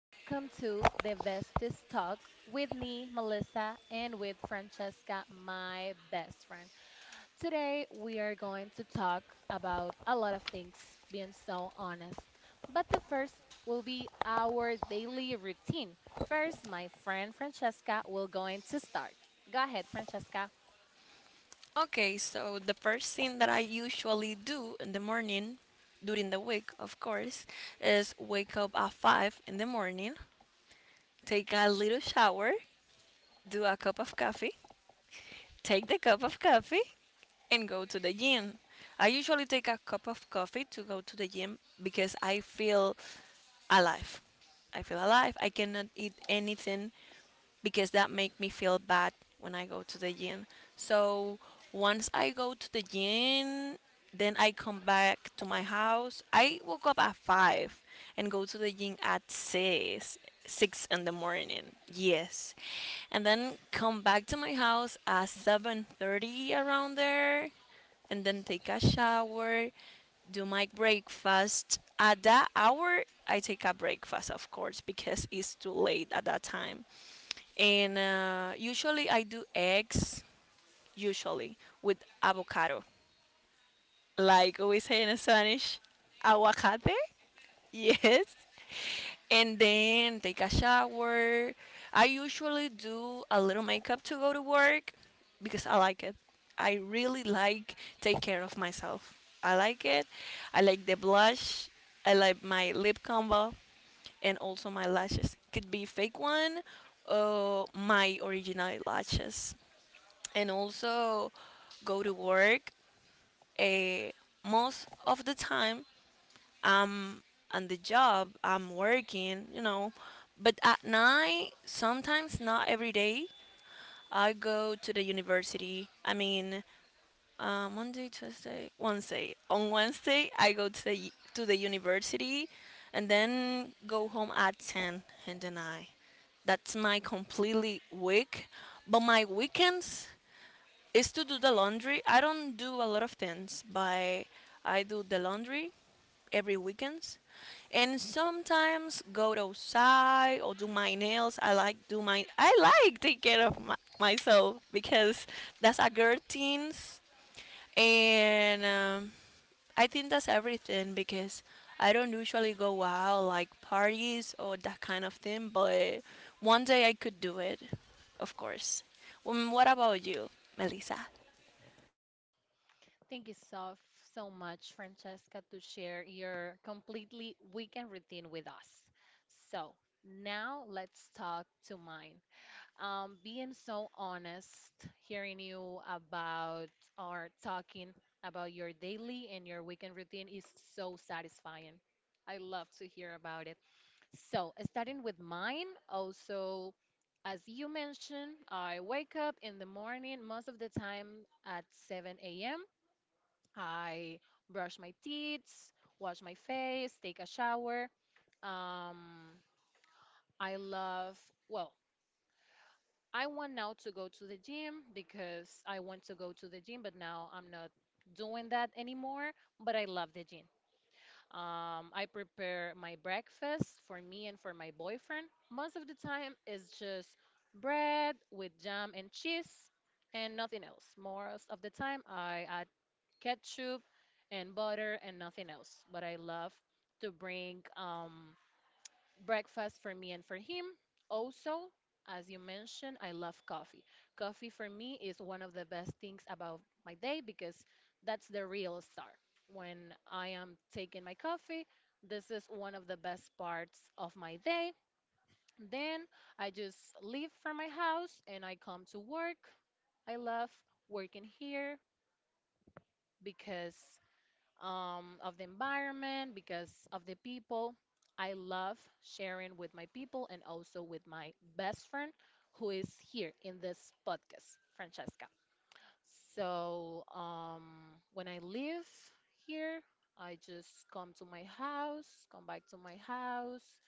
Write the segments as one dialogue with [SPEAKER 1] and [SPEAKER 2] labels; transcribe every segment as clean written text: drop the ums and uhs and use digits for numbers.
[SPEAKER 1] welcome to the Bestest Talk with me, Melissa, and with Francesca, my best friend. Today we are going to talk about a lot of things, being so honest. But the first will be our daily routine. First, my friend Francesca will going to start. Go ahead, Francesca.
[SPEAKER 2] Okay, so the first thing that I usually do in the morning, during the week, of course, is wake up at 5 in the morning, take a little shower, do a cup of coffee, take the cup of coffee, and go to the gym. I usually take a cup of coffee to go to the gym because I feel alive. I feel alive. I cannot eat anything because that make me feel bad when I go to the gym. So once I go to the gym, then I come back to my house. I woke up at five and go to the gym at six, six in the morning. Yes, and then come back to my house at 7:30 around there and then take a shower, do my breakfast. At that hour, I take a breakfast, of course, because it's too late at that time. And usually I do eggs, usually with avocado. Like we say in Spanish, aguacate. Yes. And then take a shower. I usually do a little makeup to go to work because I like it. I really like take care of myself. I like it. I like the blush. I like my lip combo and also my lashes. Could be fake one or my original lashes. And also go to work. eh, Most of the time I'm on the job, I'm working. But at night, sometimes not every day, I go to the university. I mean, Monday, Tuesday, Wednesday. On Wednesday, I go to the university, and then go home at ten, and then I. That's my completely week, but my weekends is to do the laundry. I don't do a lot of things, but I do the laundry every weekends and sometimes go outside or do my nails. I like take care of myself because that's a girl things. And I think that's everything because I don't usually go out like parties or that kind of thing, but one day I could do it, of course. What about you, Melissa?
[SPEAKER 1] Thank you so, so much, Francesca, to share your completely weekend routine with us. So now let's talk to mine. Being so honest, hearing you about or talking about your daily and your weekend routine is so satisfying. I love to hear about it. So starting with mine, also. As you mentioned, I wake up in the morning most of the time at 7 a.m. I brush my teeth, wash my face, take a shower. Um, I love, well, I want now to go to the gym because I want to go to the gym, but now I'm not doing that anymore. But I love the gym. I prepare my breakfast for me and for my boyfriend. Most of the time, it's just bread with jam and cheese and nothing else. Most of the time, I add ketchup and butter and nothing else. But I love to bring breakfast for me and for him. Also, as you mentioned, I love coffee. Coffee for me is one of the best things about my day because that's the real start. When I am taking my coffee, this is one of the best parts of my day. Then I just leave from my house and I come to work. I love working here because of the environment, because of the people. I love sharing with my people and also with my best friend who is here in this podcast, Francesca. So when I leave here, I just come to my house, come back to my house.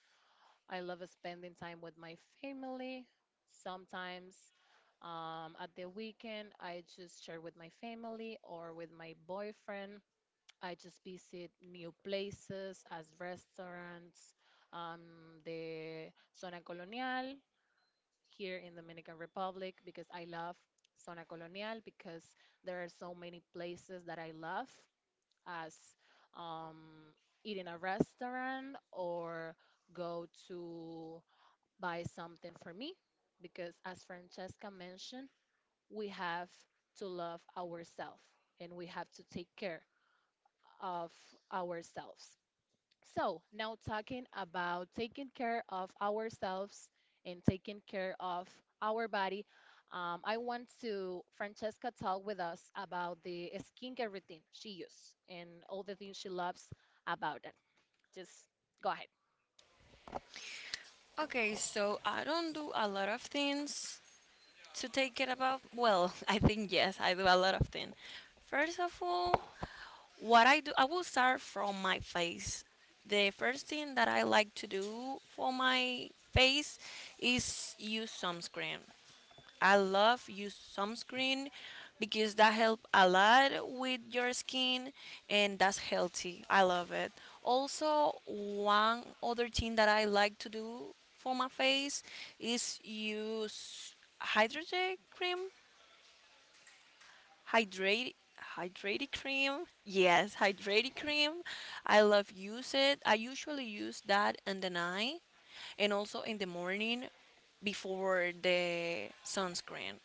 [SPEAKER 1] I love spending time with my family. Sometimes at the weekend, I just share with my family or with my boyfriend. I just visit new places as restaurants, the Zona Colonial here in Dominican Republic because I love Zona Colonial because there are so many places that I love as um, eating a restaurant or go to buy something for me because as Francesca mentioned, we have to love ourselves and we have to take care of ourselves. So, now talking about taking care of ourselves and taking care of our body, I want to Francesca talk with us about the skincare routine she uses and all the things she loves about it. Just go ahead.
[SPEAKER 2] Okay, so I don't do a lot of things to take care about. Well, I think yes, I do a lot of things. First of all, what I do, I will start from my face. The first thing that I like to do for my face is use sunscreen. I love use sunscreen because that help a lot with your skin and that's healthy. I love it. Also, one other thing that I like to do for my face is use hydrated cream, hydrate hydrated cream. Yes, hydrated cream. I love use it. I usually use that in the night and also in the morning before the sunscreen.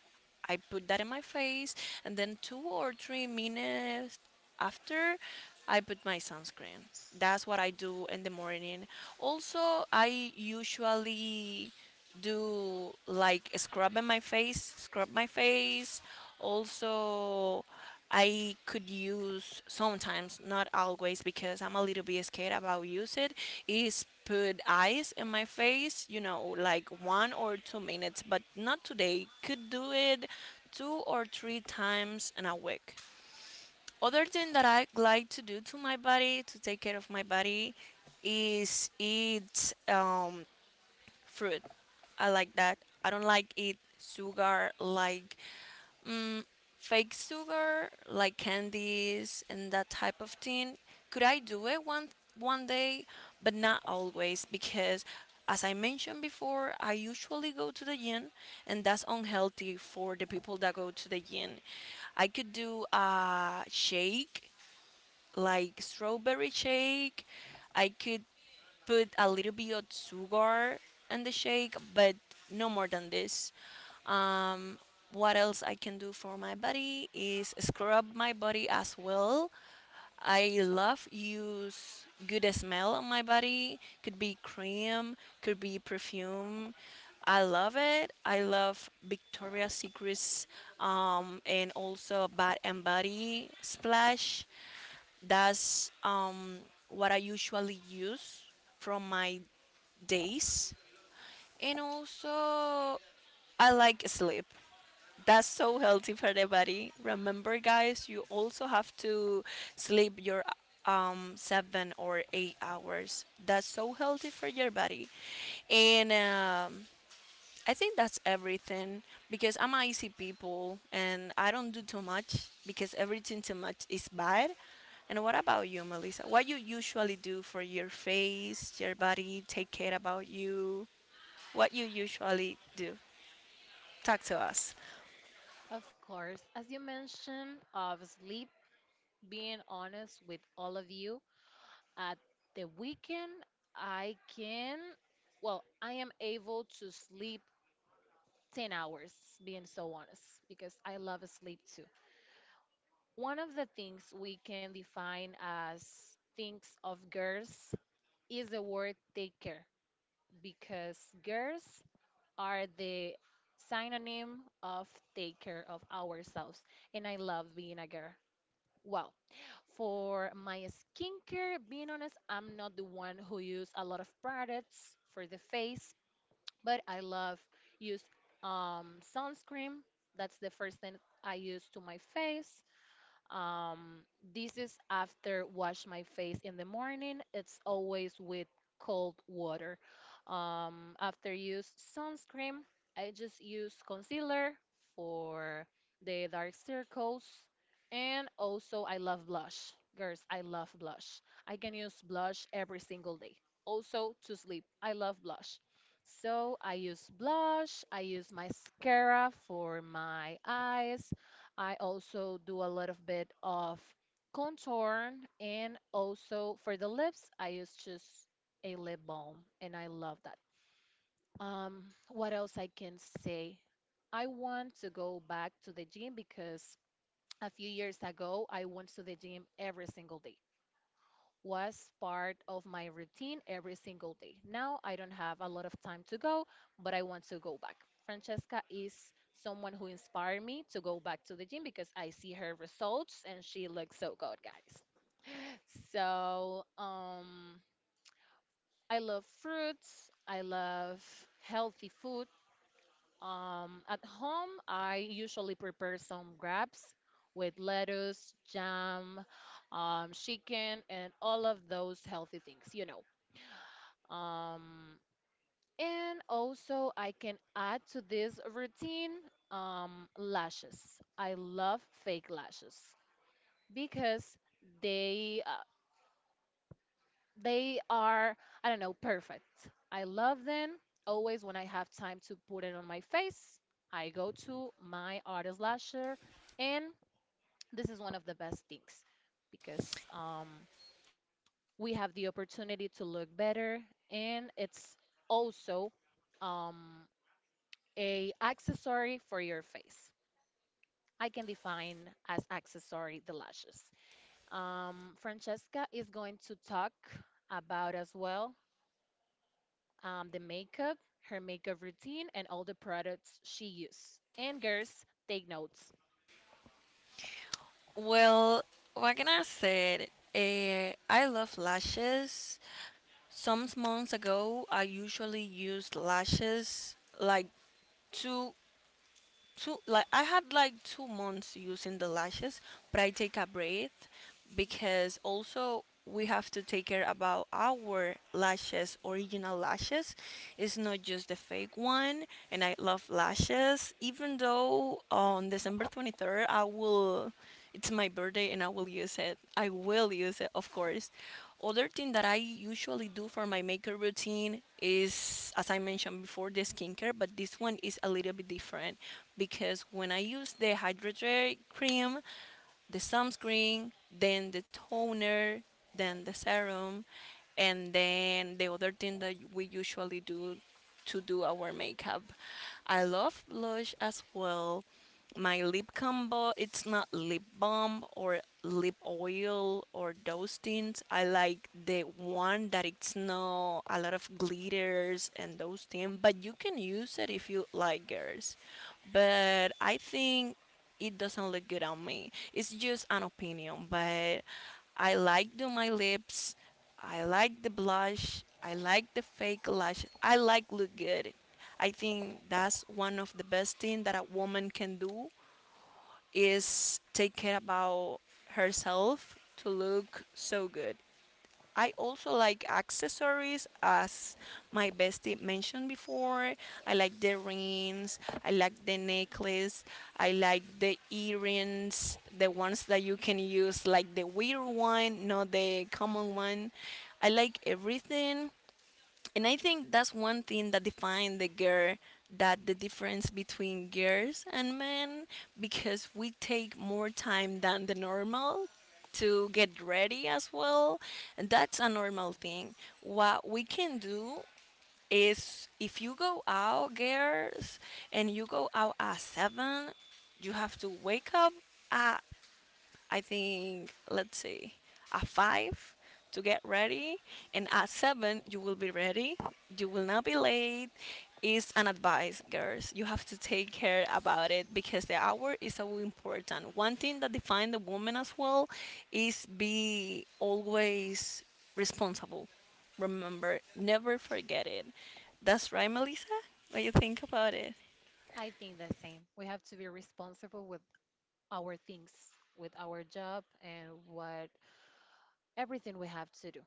[SPEAKER 2] I put that in my face, and then 2 or 3 minutes after I put my sunscreen. That's what I do in the morning. Also, I usually do like scrubbing my face, scrub my face. Also, I could use sometimes, not always, because I'm a little bit scared about use it. Is put ice in my face, like 1 or 2 minutes, but not today. Could do it 2 or 3 times in a week. Other thing that I like to do to my body to take care of my body is eat fruit. I like that. I don't like eat sugar like mm, fake sugar like candies and that type of thing. Could I do it one day, but not always because as I mentioned before, I usually go to the gym and that's unhealthy for the people that go to the gym. I could do a shake like strawberry shake. I could put a little bit of sugar in the shake, but no more than this. Um, what else I can do for my body is scrub my body as well. I love use good smell on my body. Could be cream, could be perfume. I love it. I love Victoria's Secrets and also Bath and Body Splash. That's what I usually use from my days. And also, I like sleep. That's so healthy for the body. Remember, guys, you also have to sleep your 7 or 8 hours. That's so healthy for your body. And I think that's everything because I'm an easy people and I don't do too much because everything too much is bad. And what about you, Melissa? What you usually do for your face, your body, take care about you? What you usually do? Talk to us.
[SPEAKER 1] Of course, as you mentioned of sleep, being honest with all of you, at the weekend I can, well, I am able to sleep 10 hours, being so honest, because I love sleep too. One of the things we can define as things of girls is the word take care, because girls are the synonym of take care of ourselves. And I love being a girl. Well, for my skincare, being honest, I'm not the one who use a lot of products for the face but I love use sunscreen. That's the first thing I use to my face. Um, this is after wash my face in the morning. It's always with cold water. After use sunscreen, I just use concealer for the dark circles. And also, I love blush. Girls, I love blush. I can use blush every single day. Also, to sleep, I love blush. So, I use blush, I use mascara for my eyes, I also do a little bit of contour and also for the lips, I use just a lip balm and I love that. What else I can say? I want to go back to the gym because a few years ago I went to the gym every single day was part of my routine every single day. Now I don't have a lot of time to go, but I want to go back. Francesca is someone who inspired me to go back to the gym because I see her results and she looks so good, guys. So, I love fruits. I love healthy food. At home, I usually prepare some wraps with lettuce, jam, chicken, and all of those healthy things, you know. Um, and also, I can add to this routine lashes. I love fake lashes because they uh, they are, I don't know, perfect. I love them. Always when I have time to put it on my face, I go to my artist lasher, and this is one of the best things because we have the opportunity to look better, and it's also. Um, a accessory for your face. I can define as accessory the lashes. Francesca is going to talk about as well the makeup, her makeup routine, and all the products she uses. And girls, take notes.
[SPEAKER 2] Well, what can I say? I love lashes. Some months ago, I usually used lashes, like two two like I had like 2 months using the lashes, but I take a break because also we have to take care about our lashes original lashes. It's not just the fake one, and I love lashes. Even though on december 23rd I will it's my birthday and I will use it. I will use it, of course. Other thing that I usually do for my makeup routine is, as I mentioned before, the skincare, but this one is a little bit different because when I use the hydrogel cream, the sunscreen, then the toner, then the serum, and then the other thing that we usually do to do our makeup. I love blush as well. My lip combo, it's not lip balm or lip oil or those things. I like the one that it's no a lot of glitters and those things, but you can use it if you like, girls. But I think it doesn't look good on me. It's just an opinion, but I like do my lips. I like the blush. I like the fake lash. I like look good. I think that's one of the best thing that a woman can do is take care about herself to look so good. I also like accessories, as my bestie mentioned before. I like the rings, I like the necklace, I like the earrings, the ones that you can use, like the weird one, not the common one. I like everything. And I think that's one thing that defines the girl, that the difference between girls and men, because we take more time than the normal to get ready as well. And that's a normal thing. What we can do is, if you go out girls and you go out at 7, you have to wake up at, I think, let's see, at 5 to get ready, and at 7 you will be ready. You will not be late. It's an advice, girls. You have to take care about it because the hour is so important. One thing that defines the woman as well is be always responsible. Remember, never forget it. That's right, Melissa. What do you think about it?
[SPEAKER 1] I think the same. We have to be responsible with our things, with our job, and what everything we have to do.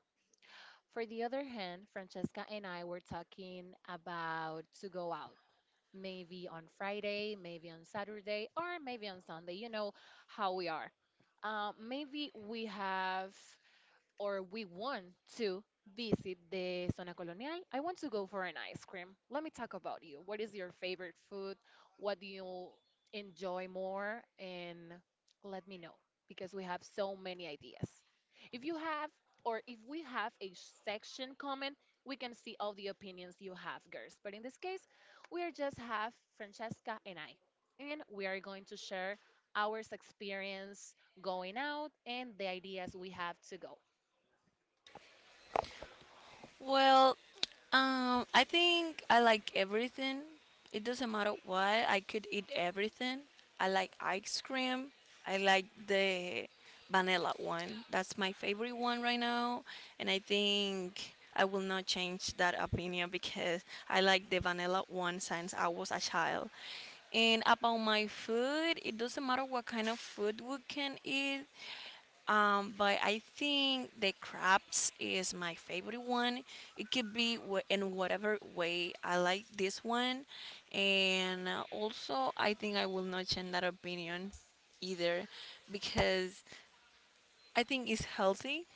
[SPEAKER 1] For the other hand, Francesca and I were talking about to go out maybe on Friday, maybe on Saturday, or maybe on Sunday. You know how we are. Maybe we have or we want to visit the Zona Colonial, I want to go for an ice cream. Let me talk about you. What is your favorite food? What do you enjoy more? And let me know because we have so many ideas. If you have, or if we have a section comment, we can see all the opinions you have, girls. But in this case, we are just have Francesca and I, and we are going to share our experience going out and the ideas we have to go.
[SPEAKER 2] Well, I think I like everything. It doesn't matter what. I could eat everything. I like ice cream. I like the vanilla one. That's my favorite one right now. And I think I will not change that opinion because I like the vanilla one since I was a child. And about my food, it doesn't matter what kind of food we can eat. But I think the crabs is my favorite one. It could be in whatever way I like this one, and also I think I will not change that opinion either because I think it's healthy.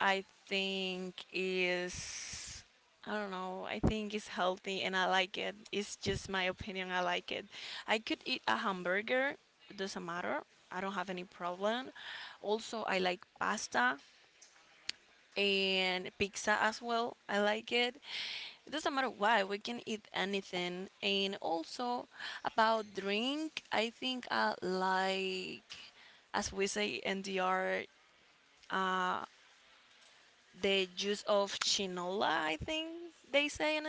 [SPEAKER 2] I think is, I don't know. I think it's healthy and I like it. It's just my opinion. I like it. I could eat a hamburger. It doesn't matter. I don't have any problem. Also, I like pasta and pizza as well. I like it. It doesn't matter why, we can eat anything. And also about drink, I think I like, as we say in DR, uh, the juice of chinola, I think they say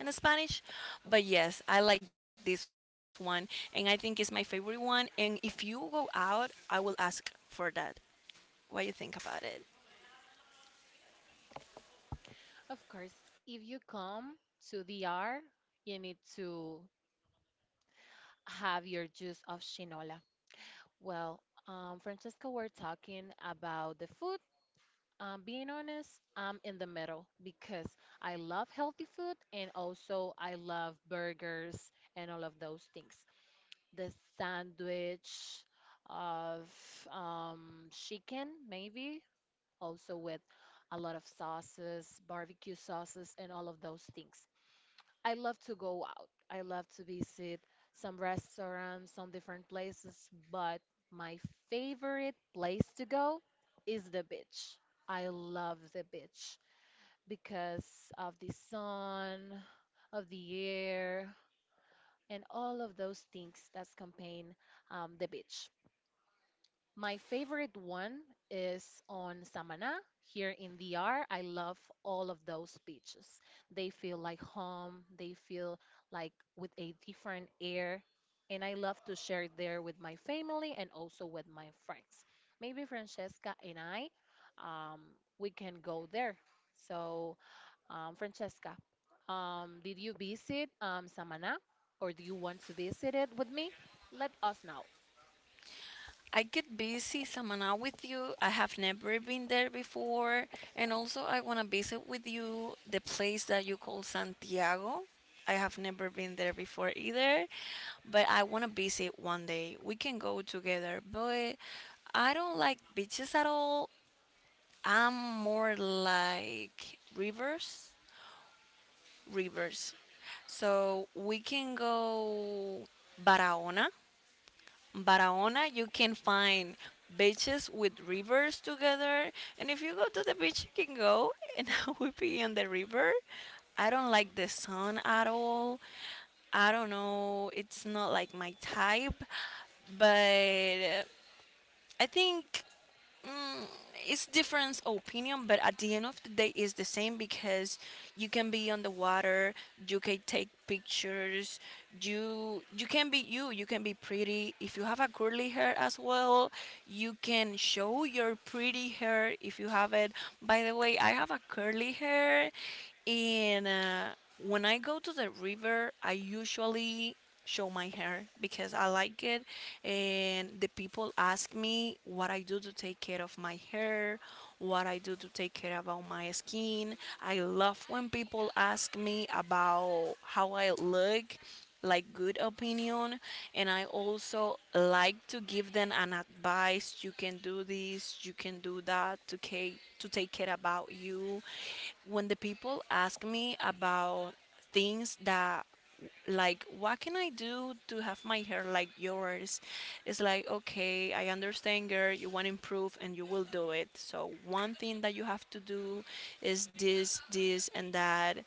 [SPEAKER 2] in Spanish. But yes, I like this one, and I think it's my favorite one. And if you go out, I will ask for that. What you think about it?
[SPEAKER 1] Of course, if you come to DR, you need to have your juice of shinola. Well, Francesca, we're talking about the food. Being honest, I'm in the middle because I love healthy food and also I love burgers and all of those things. The sandwich of chicken, maybe, also with a lot of sauces, barbecue sauces, and all of those things. I love to go out. I love to visit some restaurants, some different places, but my favorite place to go is the beach. I love the beach because of the sun, of the air, and all of those things that campaign the beach. My favorite one is on Samana here in DR. I love all of those beaches. They feel like home, they feel like with a different air. And I love to share there with my family and also with my friends. Maybe Francesca and I, um, we can go there. So, Francesca, did you visit Samana or do you want to visit it with me? Let us know.
[SPEAKER 2] I get busy Samaná with you. I have never been there before. And also, I want to visit with you the place that you call Santiago. I have never been there before either, but I want to visit one day. We can go together, but I don't like beaches at all. I'm more like rivers, rivers. So we can go Barahona. Barahona, you can find beaches with rivers together. And if you go to the beach, you can go and I will be on the river. I don't like the sun at all. I don't know. It's not like my type. But I think mm, it's different opinion, but at the end of the day, it's the same because you can be on the water, you can take pictures, you can be you, you can be pretty. If you have a curly hair as well, you can show your pretty hair if you have it. By the way, I have a curly hair, and when I go to the river, I usually show my hair because I like it, and the people ask me what I do to take care of my hair, what I do to take care about my skin. I love when people ask me about how I look, like good opinion, and I also like to give them an advice. You can do this, you can do that to to take care about you. When the people ask me about things that, like, what can I do to have my hair like yours, it's like, okay, I understand, girl, you want to improve and you will do it. So one thing that you have to do is this, this, and that.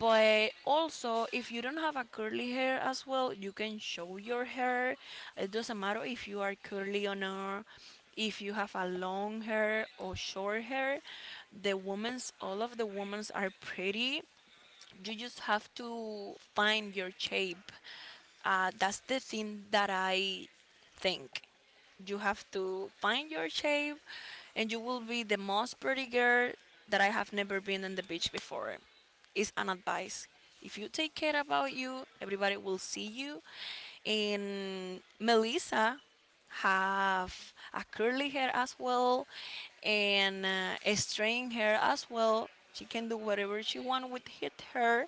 [SPEAKER 2] But also if you don't have a curly hair as well, you can show your hair. It doesn't matter if you are curly or not, if you have a long hair or short hair. The women's, all of the women's are pretty. You just have to find your shape. That's the thing that I think. You have to find your shape, and you will be the most pretty girl that I have never been on the beach before. Is an advice. If you take care about you, everybody will see you. And Melissa have a curly hair as well, and a straight hair as well. She can do whatever she wants with hit her,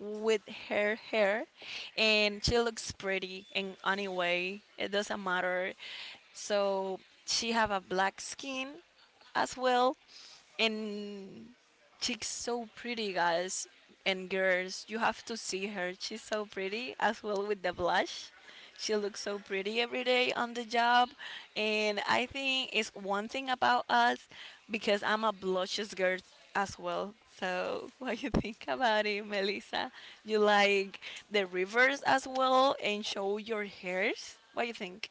[SPEAKER 2] with her hair, and she looks pretty in any way. It doesn't matter. So she have a black skin as well. And she's so pretty, guys and girls. You have to see her. She's so pretty as well with the blush. She looks so pretty every day on the job. And I think it's one thing about us because I'm a blushes girl as well. So what you think about it, Melissa? You like the rivers as well and show your hairs? What you think?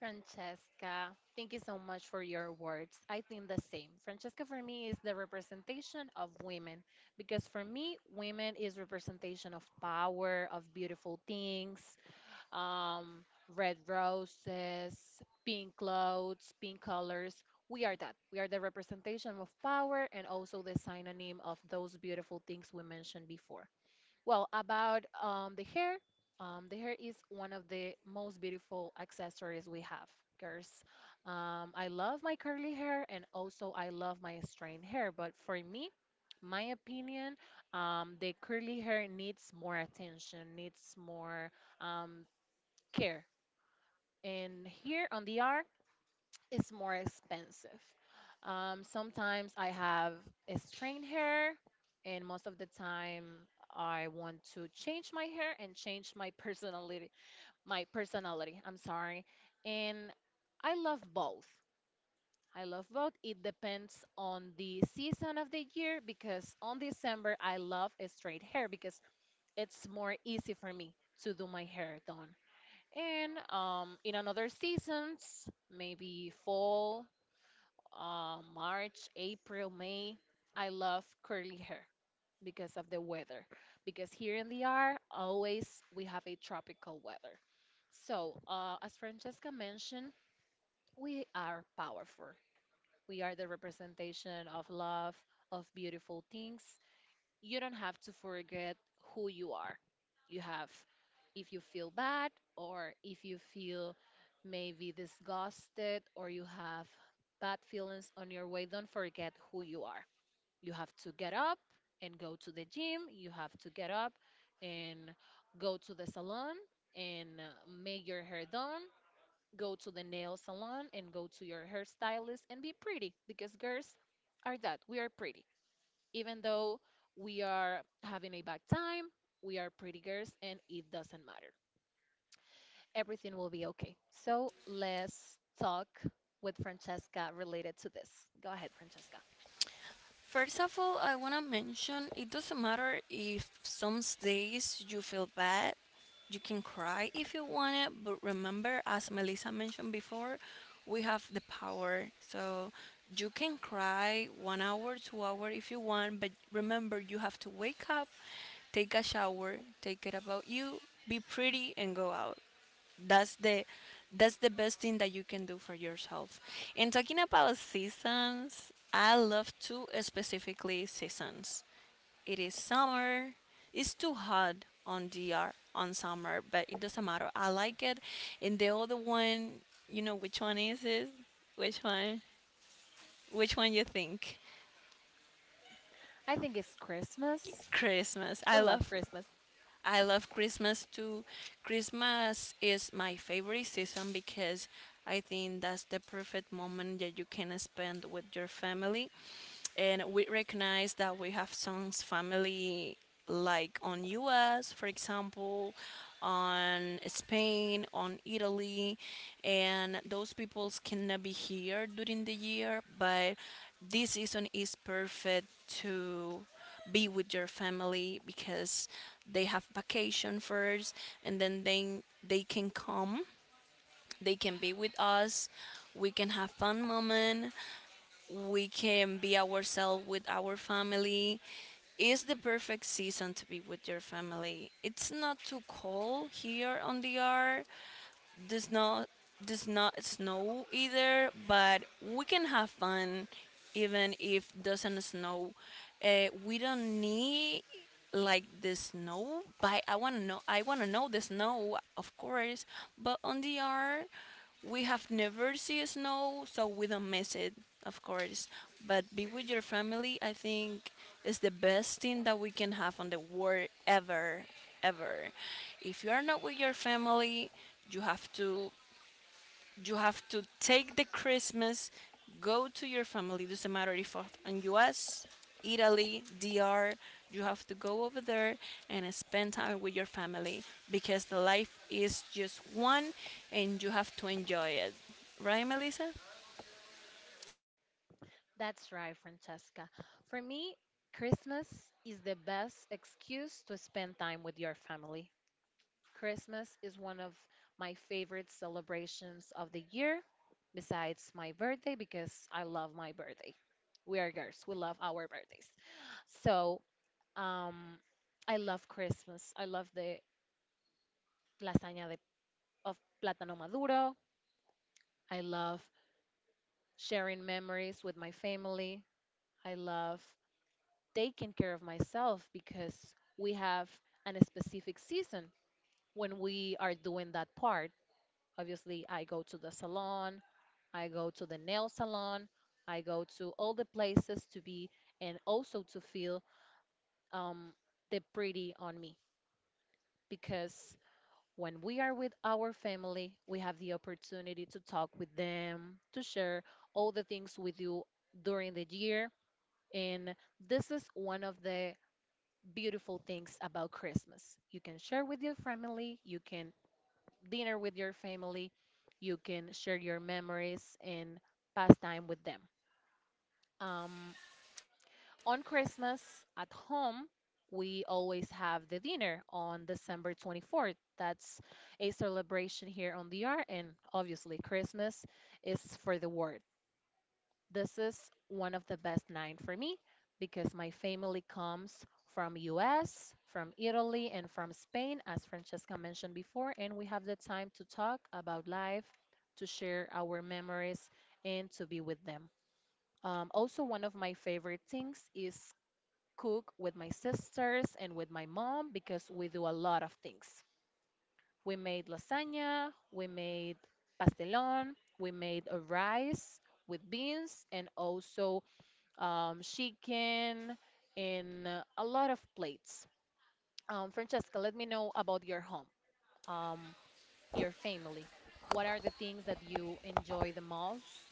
[SPEAKER 1] Francesca, thank you so much for your words. I think the same. Francesca for me is the representation of women because for me, women is representation of power, of beautiful things, red roses, pink clothes, pink colors. We are that. We are the representation of power and also the synonym of those beautiful things we mentioned before. Well, about the hair is one of the most beautiful accessories we have, girls. I love my curly hair and also I love my straight hair, but for me, my opinion, the curly hair needs more attention, needs more um, care. And here on the it's more expensive. Sometimes I have a straight hair, and most of the time I want to change my hair and change my personality. My personality, I'm sorry. And I love both. I love both. It depends on the season of the year because on December I love a straight hair because it's more easy for me to do my hair done. And in another seasons, maybe fall, March, April, May, I love curly hair because of the weather. Because here in the R, always we have a tropical weather. So, as Francesca mentioned, we are powerful. We are the representation of love, of beautiful things, you don't have to forget who you are. You have, if you feel bad or if you feel maybe disgusted or you have bad feelings on your way, don't forget who you are. You have to get up and go to the gym. You have to get up and go to the salon and make your hair done. Go to the nail salon and go to your hairstylist and be pretty because girls are that. We are pretty. Even though we are having a bad time, we are pretty girls and it doesn't matter. Everything will be okay. So let's talk with Francesca related to this. Go ahead, Francesca.
[SPEAKER 2] First of all, I want to mention it doesn't matter if some days you feel bad. You can cry if you want it, but remember, as Melissa mentioned before, we have the power. So you can cry 1 hour, 2 hour if you want, but remember, you have to wake up, take a shower, take it about you, be pretty, and go out. That's the that's the best thing that you can do for yourself. And talking about seasons, I love two specifically seasons. It is summer. It's too hot on DR on summer, but it doesn't matter. I like it. And the other one, you know which one is it? Which one? Which one you think?
[SPEAKER 1] I think it's Christmas.
[SPEAKER 2] Christmas.
[SPEAKER 1] We
[SPEAKER 2] I
[SPEAKER 1] love
[SPEAKER 2] love.
[SPEAKER 1] Christmas.
[SPEAKER 2] I love Christmas too. Christmas is my favorite season because I think that's the perfect moment that you can spend with your family. And we recognize that we have some family, like on US, for example, on Spain, on Italy, and those peoples cannot be here during the year, but this season is perfect to be with your family because they have vacation first, and then they can come, they can be with us, we can have fun moment, we can be ourselves with our family. Is the perfect season to be with your family. It's not too cold here on the R, does not, does not snow either, but we can have fun even if doesn't snow. We don't need like the snow, but I wanna know the snow, of course. But on the art, we have never seen snow, so we don't miss it, of course. But be with your family, I think, is the best thing that we can have on the world ever, ever. If you are not with your family, you have to, you have to take the Christmas, go to your family. Doesn't matter if in U.S., Italy, DR. You have to go over there and spend time with your family because the life is just one, and you have to enjoy it. Right, Melissa?
[SPEAKER 1] That's right, Francesca. For me, Christmas is the best excuse to spend time with your family. Christmas is one of my favorite celebrations of the year, besides my birthday, because I love my birthday. We are girls, we love our birthdays. So, um, I love Christmas. I love the lasagna of plátano maduro. I love sharing memories with my family. I love taking care of myself because we have an specific season when we are doing that part. Obviously, I go to the salon, I go to the nail salon. I go to all the places to be and also to feel um, the pretty on me because when we are with our family, we have the opportunity to talk with them, to share all the things with you during the year. And this is one of the beautiful things about Christmas. You can share with your family, you can dinner with your family, you can share your memories and pass time with them. Um, On Christmas at home, we always have the dinner on December 24th. That's a celebration here on the R, and obviously, Christmas is for the world. This is one of the best nine for me because my family comes from US, from Italy, and from Spain, as Francesca mentioned before, and we have the time to talk about life, to share our memories, and to be with them. Also, one of my favorite things is cook with my sisters and with my mom because we do a lot of things. We made lasagna, we made pastelón, we made a rice with beans and also chicken in a lot of plates. Francesca, let me know about your home. Um, your family. What are the things that you enjoy the most,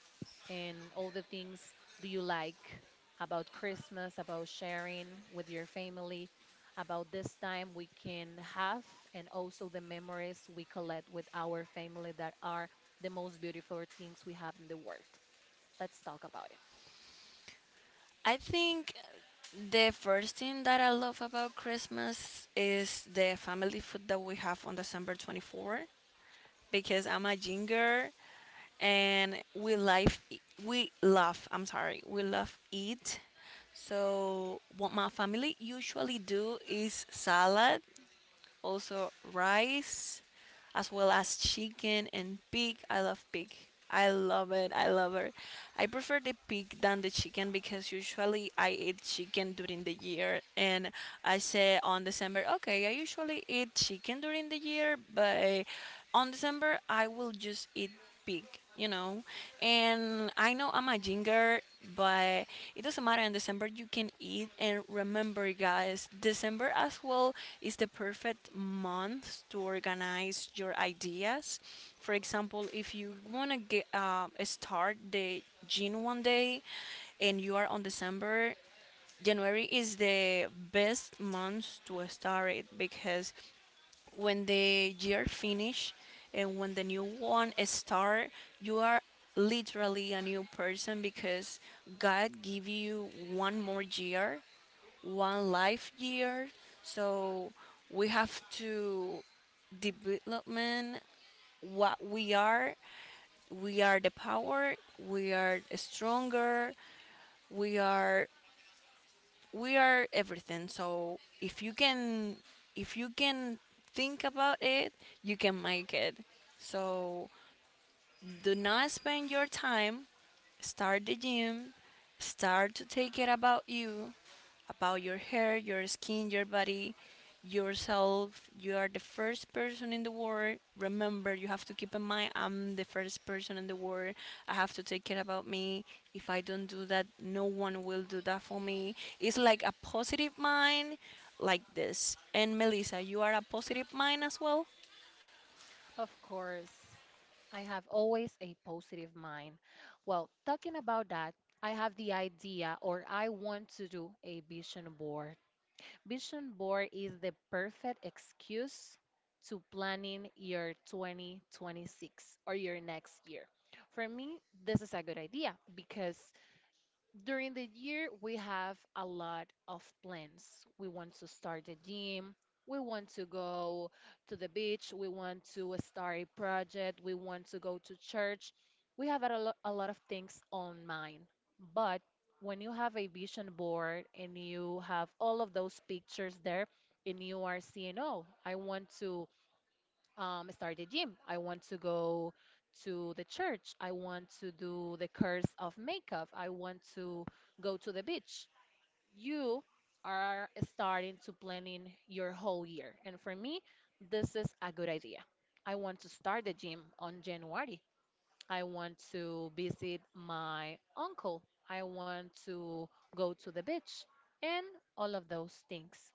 [SPEAKER 1] and all the things do you like about Christmas, about sharing with your family, about this time we can have, and also the memories we collect with our family that are the most beautiful things we have in the world. Let's talk about it.
[SPEAKER 2] I think the first thing that I love about Christmas is the family food that we have on December 24th because I'm a ginger, and we love. I'm sorry, we love eat. So what my family usually do is salad, also rice, as well as chicken and pig. I love pig. I love it. I love it. I prefer the pig than the chicken because usually I eat chicken during the year, and I say on December, okay, I usually eat chicken during the year, but on December I will just eat big, you know. And I know I'm a ginger, but it doesn't matter. In December, you can eat. And remember, guys, December as well is the perfect month to organize your ideas. For example, if you wanna get start the gin one day, and you are on December, January is the best month to start it because when the year finish and when the new one start, you are literally a new person because god give you one more year, one life year. So we have to development what we are. We are the power, we are stronger, we are, we are everything. So if you can think about it, you can make it. So do not spend your time. Start the gym. Start to take care about you, about your hair, your skin, your body, yourself. You are the first person in the world. Remember, you have to keep in mind I'm the first person in the world. I have to take care about me. If I don't do that, no one will do that for me. It's like a positive mind like this. And Melissa, you are a positive mind as well?
[SPEAKER 1] Of course, I have always a positive mind. Well, talking about that, I have the idea or I want to do a vision board. Vision board is the perfect excuse to planning your 2026 or your next year. For me, this is a good idea because during the year, we have a lot of plans. We want to start a gym. We want to go to the beach. We want to start a project. We want to go to church. We have a lot of things on mind. But when you have a vision board and you have all of those pictures there, and you are seeing, oh, I want to start the gym. I want to go to the church. I want to do the curse of makeup. I want to go to the beach. You are starting to planning your whole year. And for me, this is a good idea. I want to start the gym on January. I want to visit my uncle. I want to go to the beach and all of those things.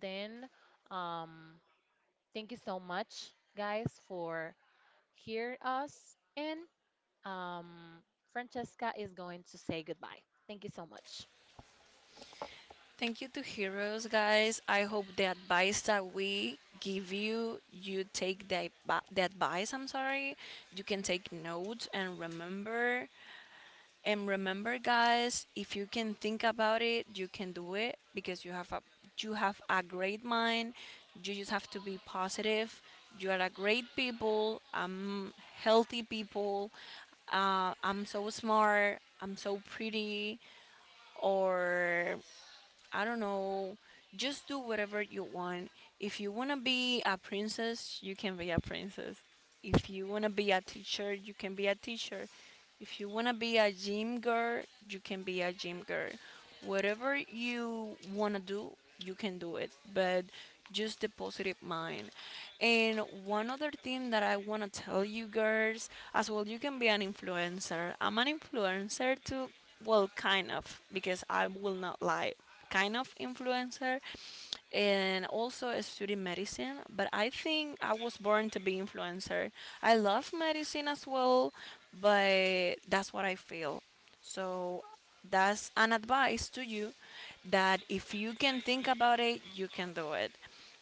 [SPEAKER 1] Then, um, Thank you so much, guys, for hear us. And um, Francesca is going to say goodbye. Thank you so much.
[SPEAKER 2] Thank you to Heroes, guys. I hope the advice that we give you, you take the advice, I'm sorry. You can take notes and remember. And remember, guys, if you can think about it, you can do it because you have a great mind. You just have to be positive. You are a great people. I'm healthy people. I'm so smart. I'm so pretty. Or I don't know. Just do whatever you want. If you want to be a princess, you can be a princess. If you want to be a teacher, you can be a teacher. If you want to be a gym girl, you can be a gym girl. Whatever you want to do, you can do it. But just the positive mind. And one other thing that I want to tell you girls as well, you can be an influencer. I'm an influencer too. Well, kind of, because I will not lie, kind of influencer, and also a student medicine, but I think I was born to be influencer. I love medicine as well, but that's what I feel. So that's an advice to you, that if you can think about it, you can do it.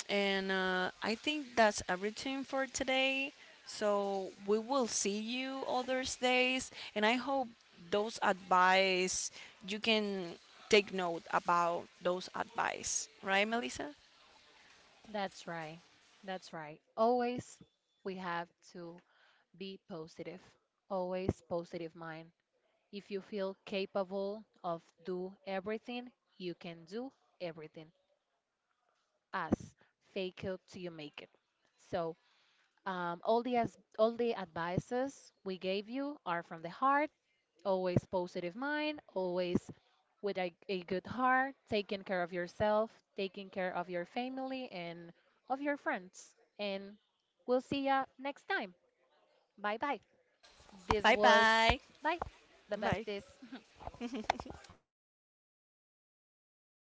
[SPEAKER 2] And I think that's everything for today. So we will see you other days, and I hope those advice you can take note about those advice, right, Melissa?
[SPEAKER 1] That's right. That's right. Always we have to be positive. Always positive mind. If you feel capable of do everything, you can do everything. As fake it till you make it. So all the advices we gave you are from the heart. Always positive mind, always with a good heart, taking care of yourself, taking care of your family and of your friends. And we'll see ya next time. Bye bye. This
[SPEAKER 2] Bye
[SPEAKER 1] was
[SPEAKER 2] bye.
[SPEAKER 1] Bye. The
[SPEAKER 2] Bye.
[SPEAKER 1] best is.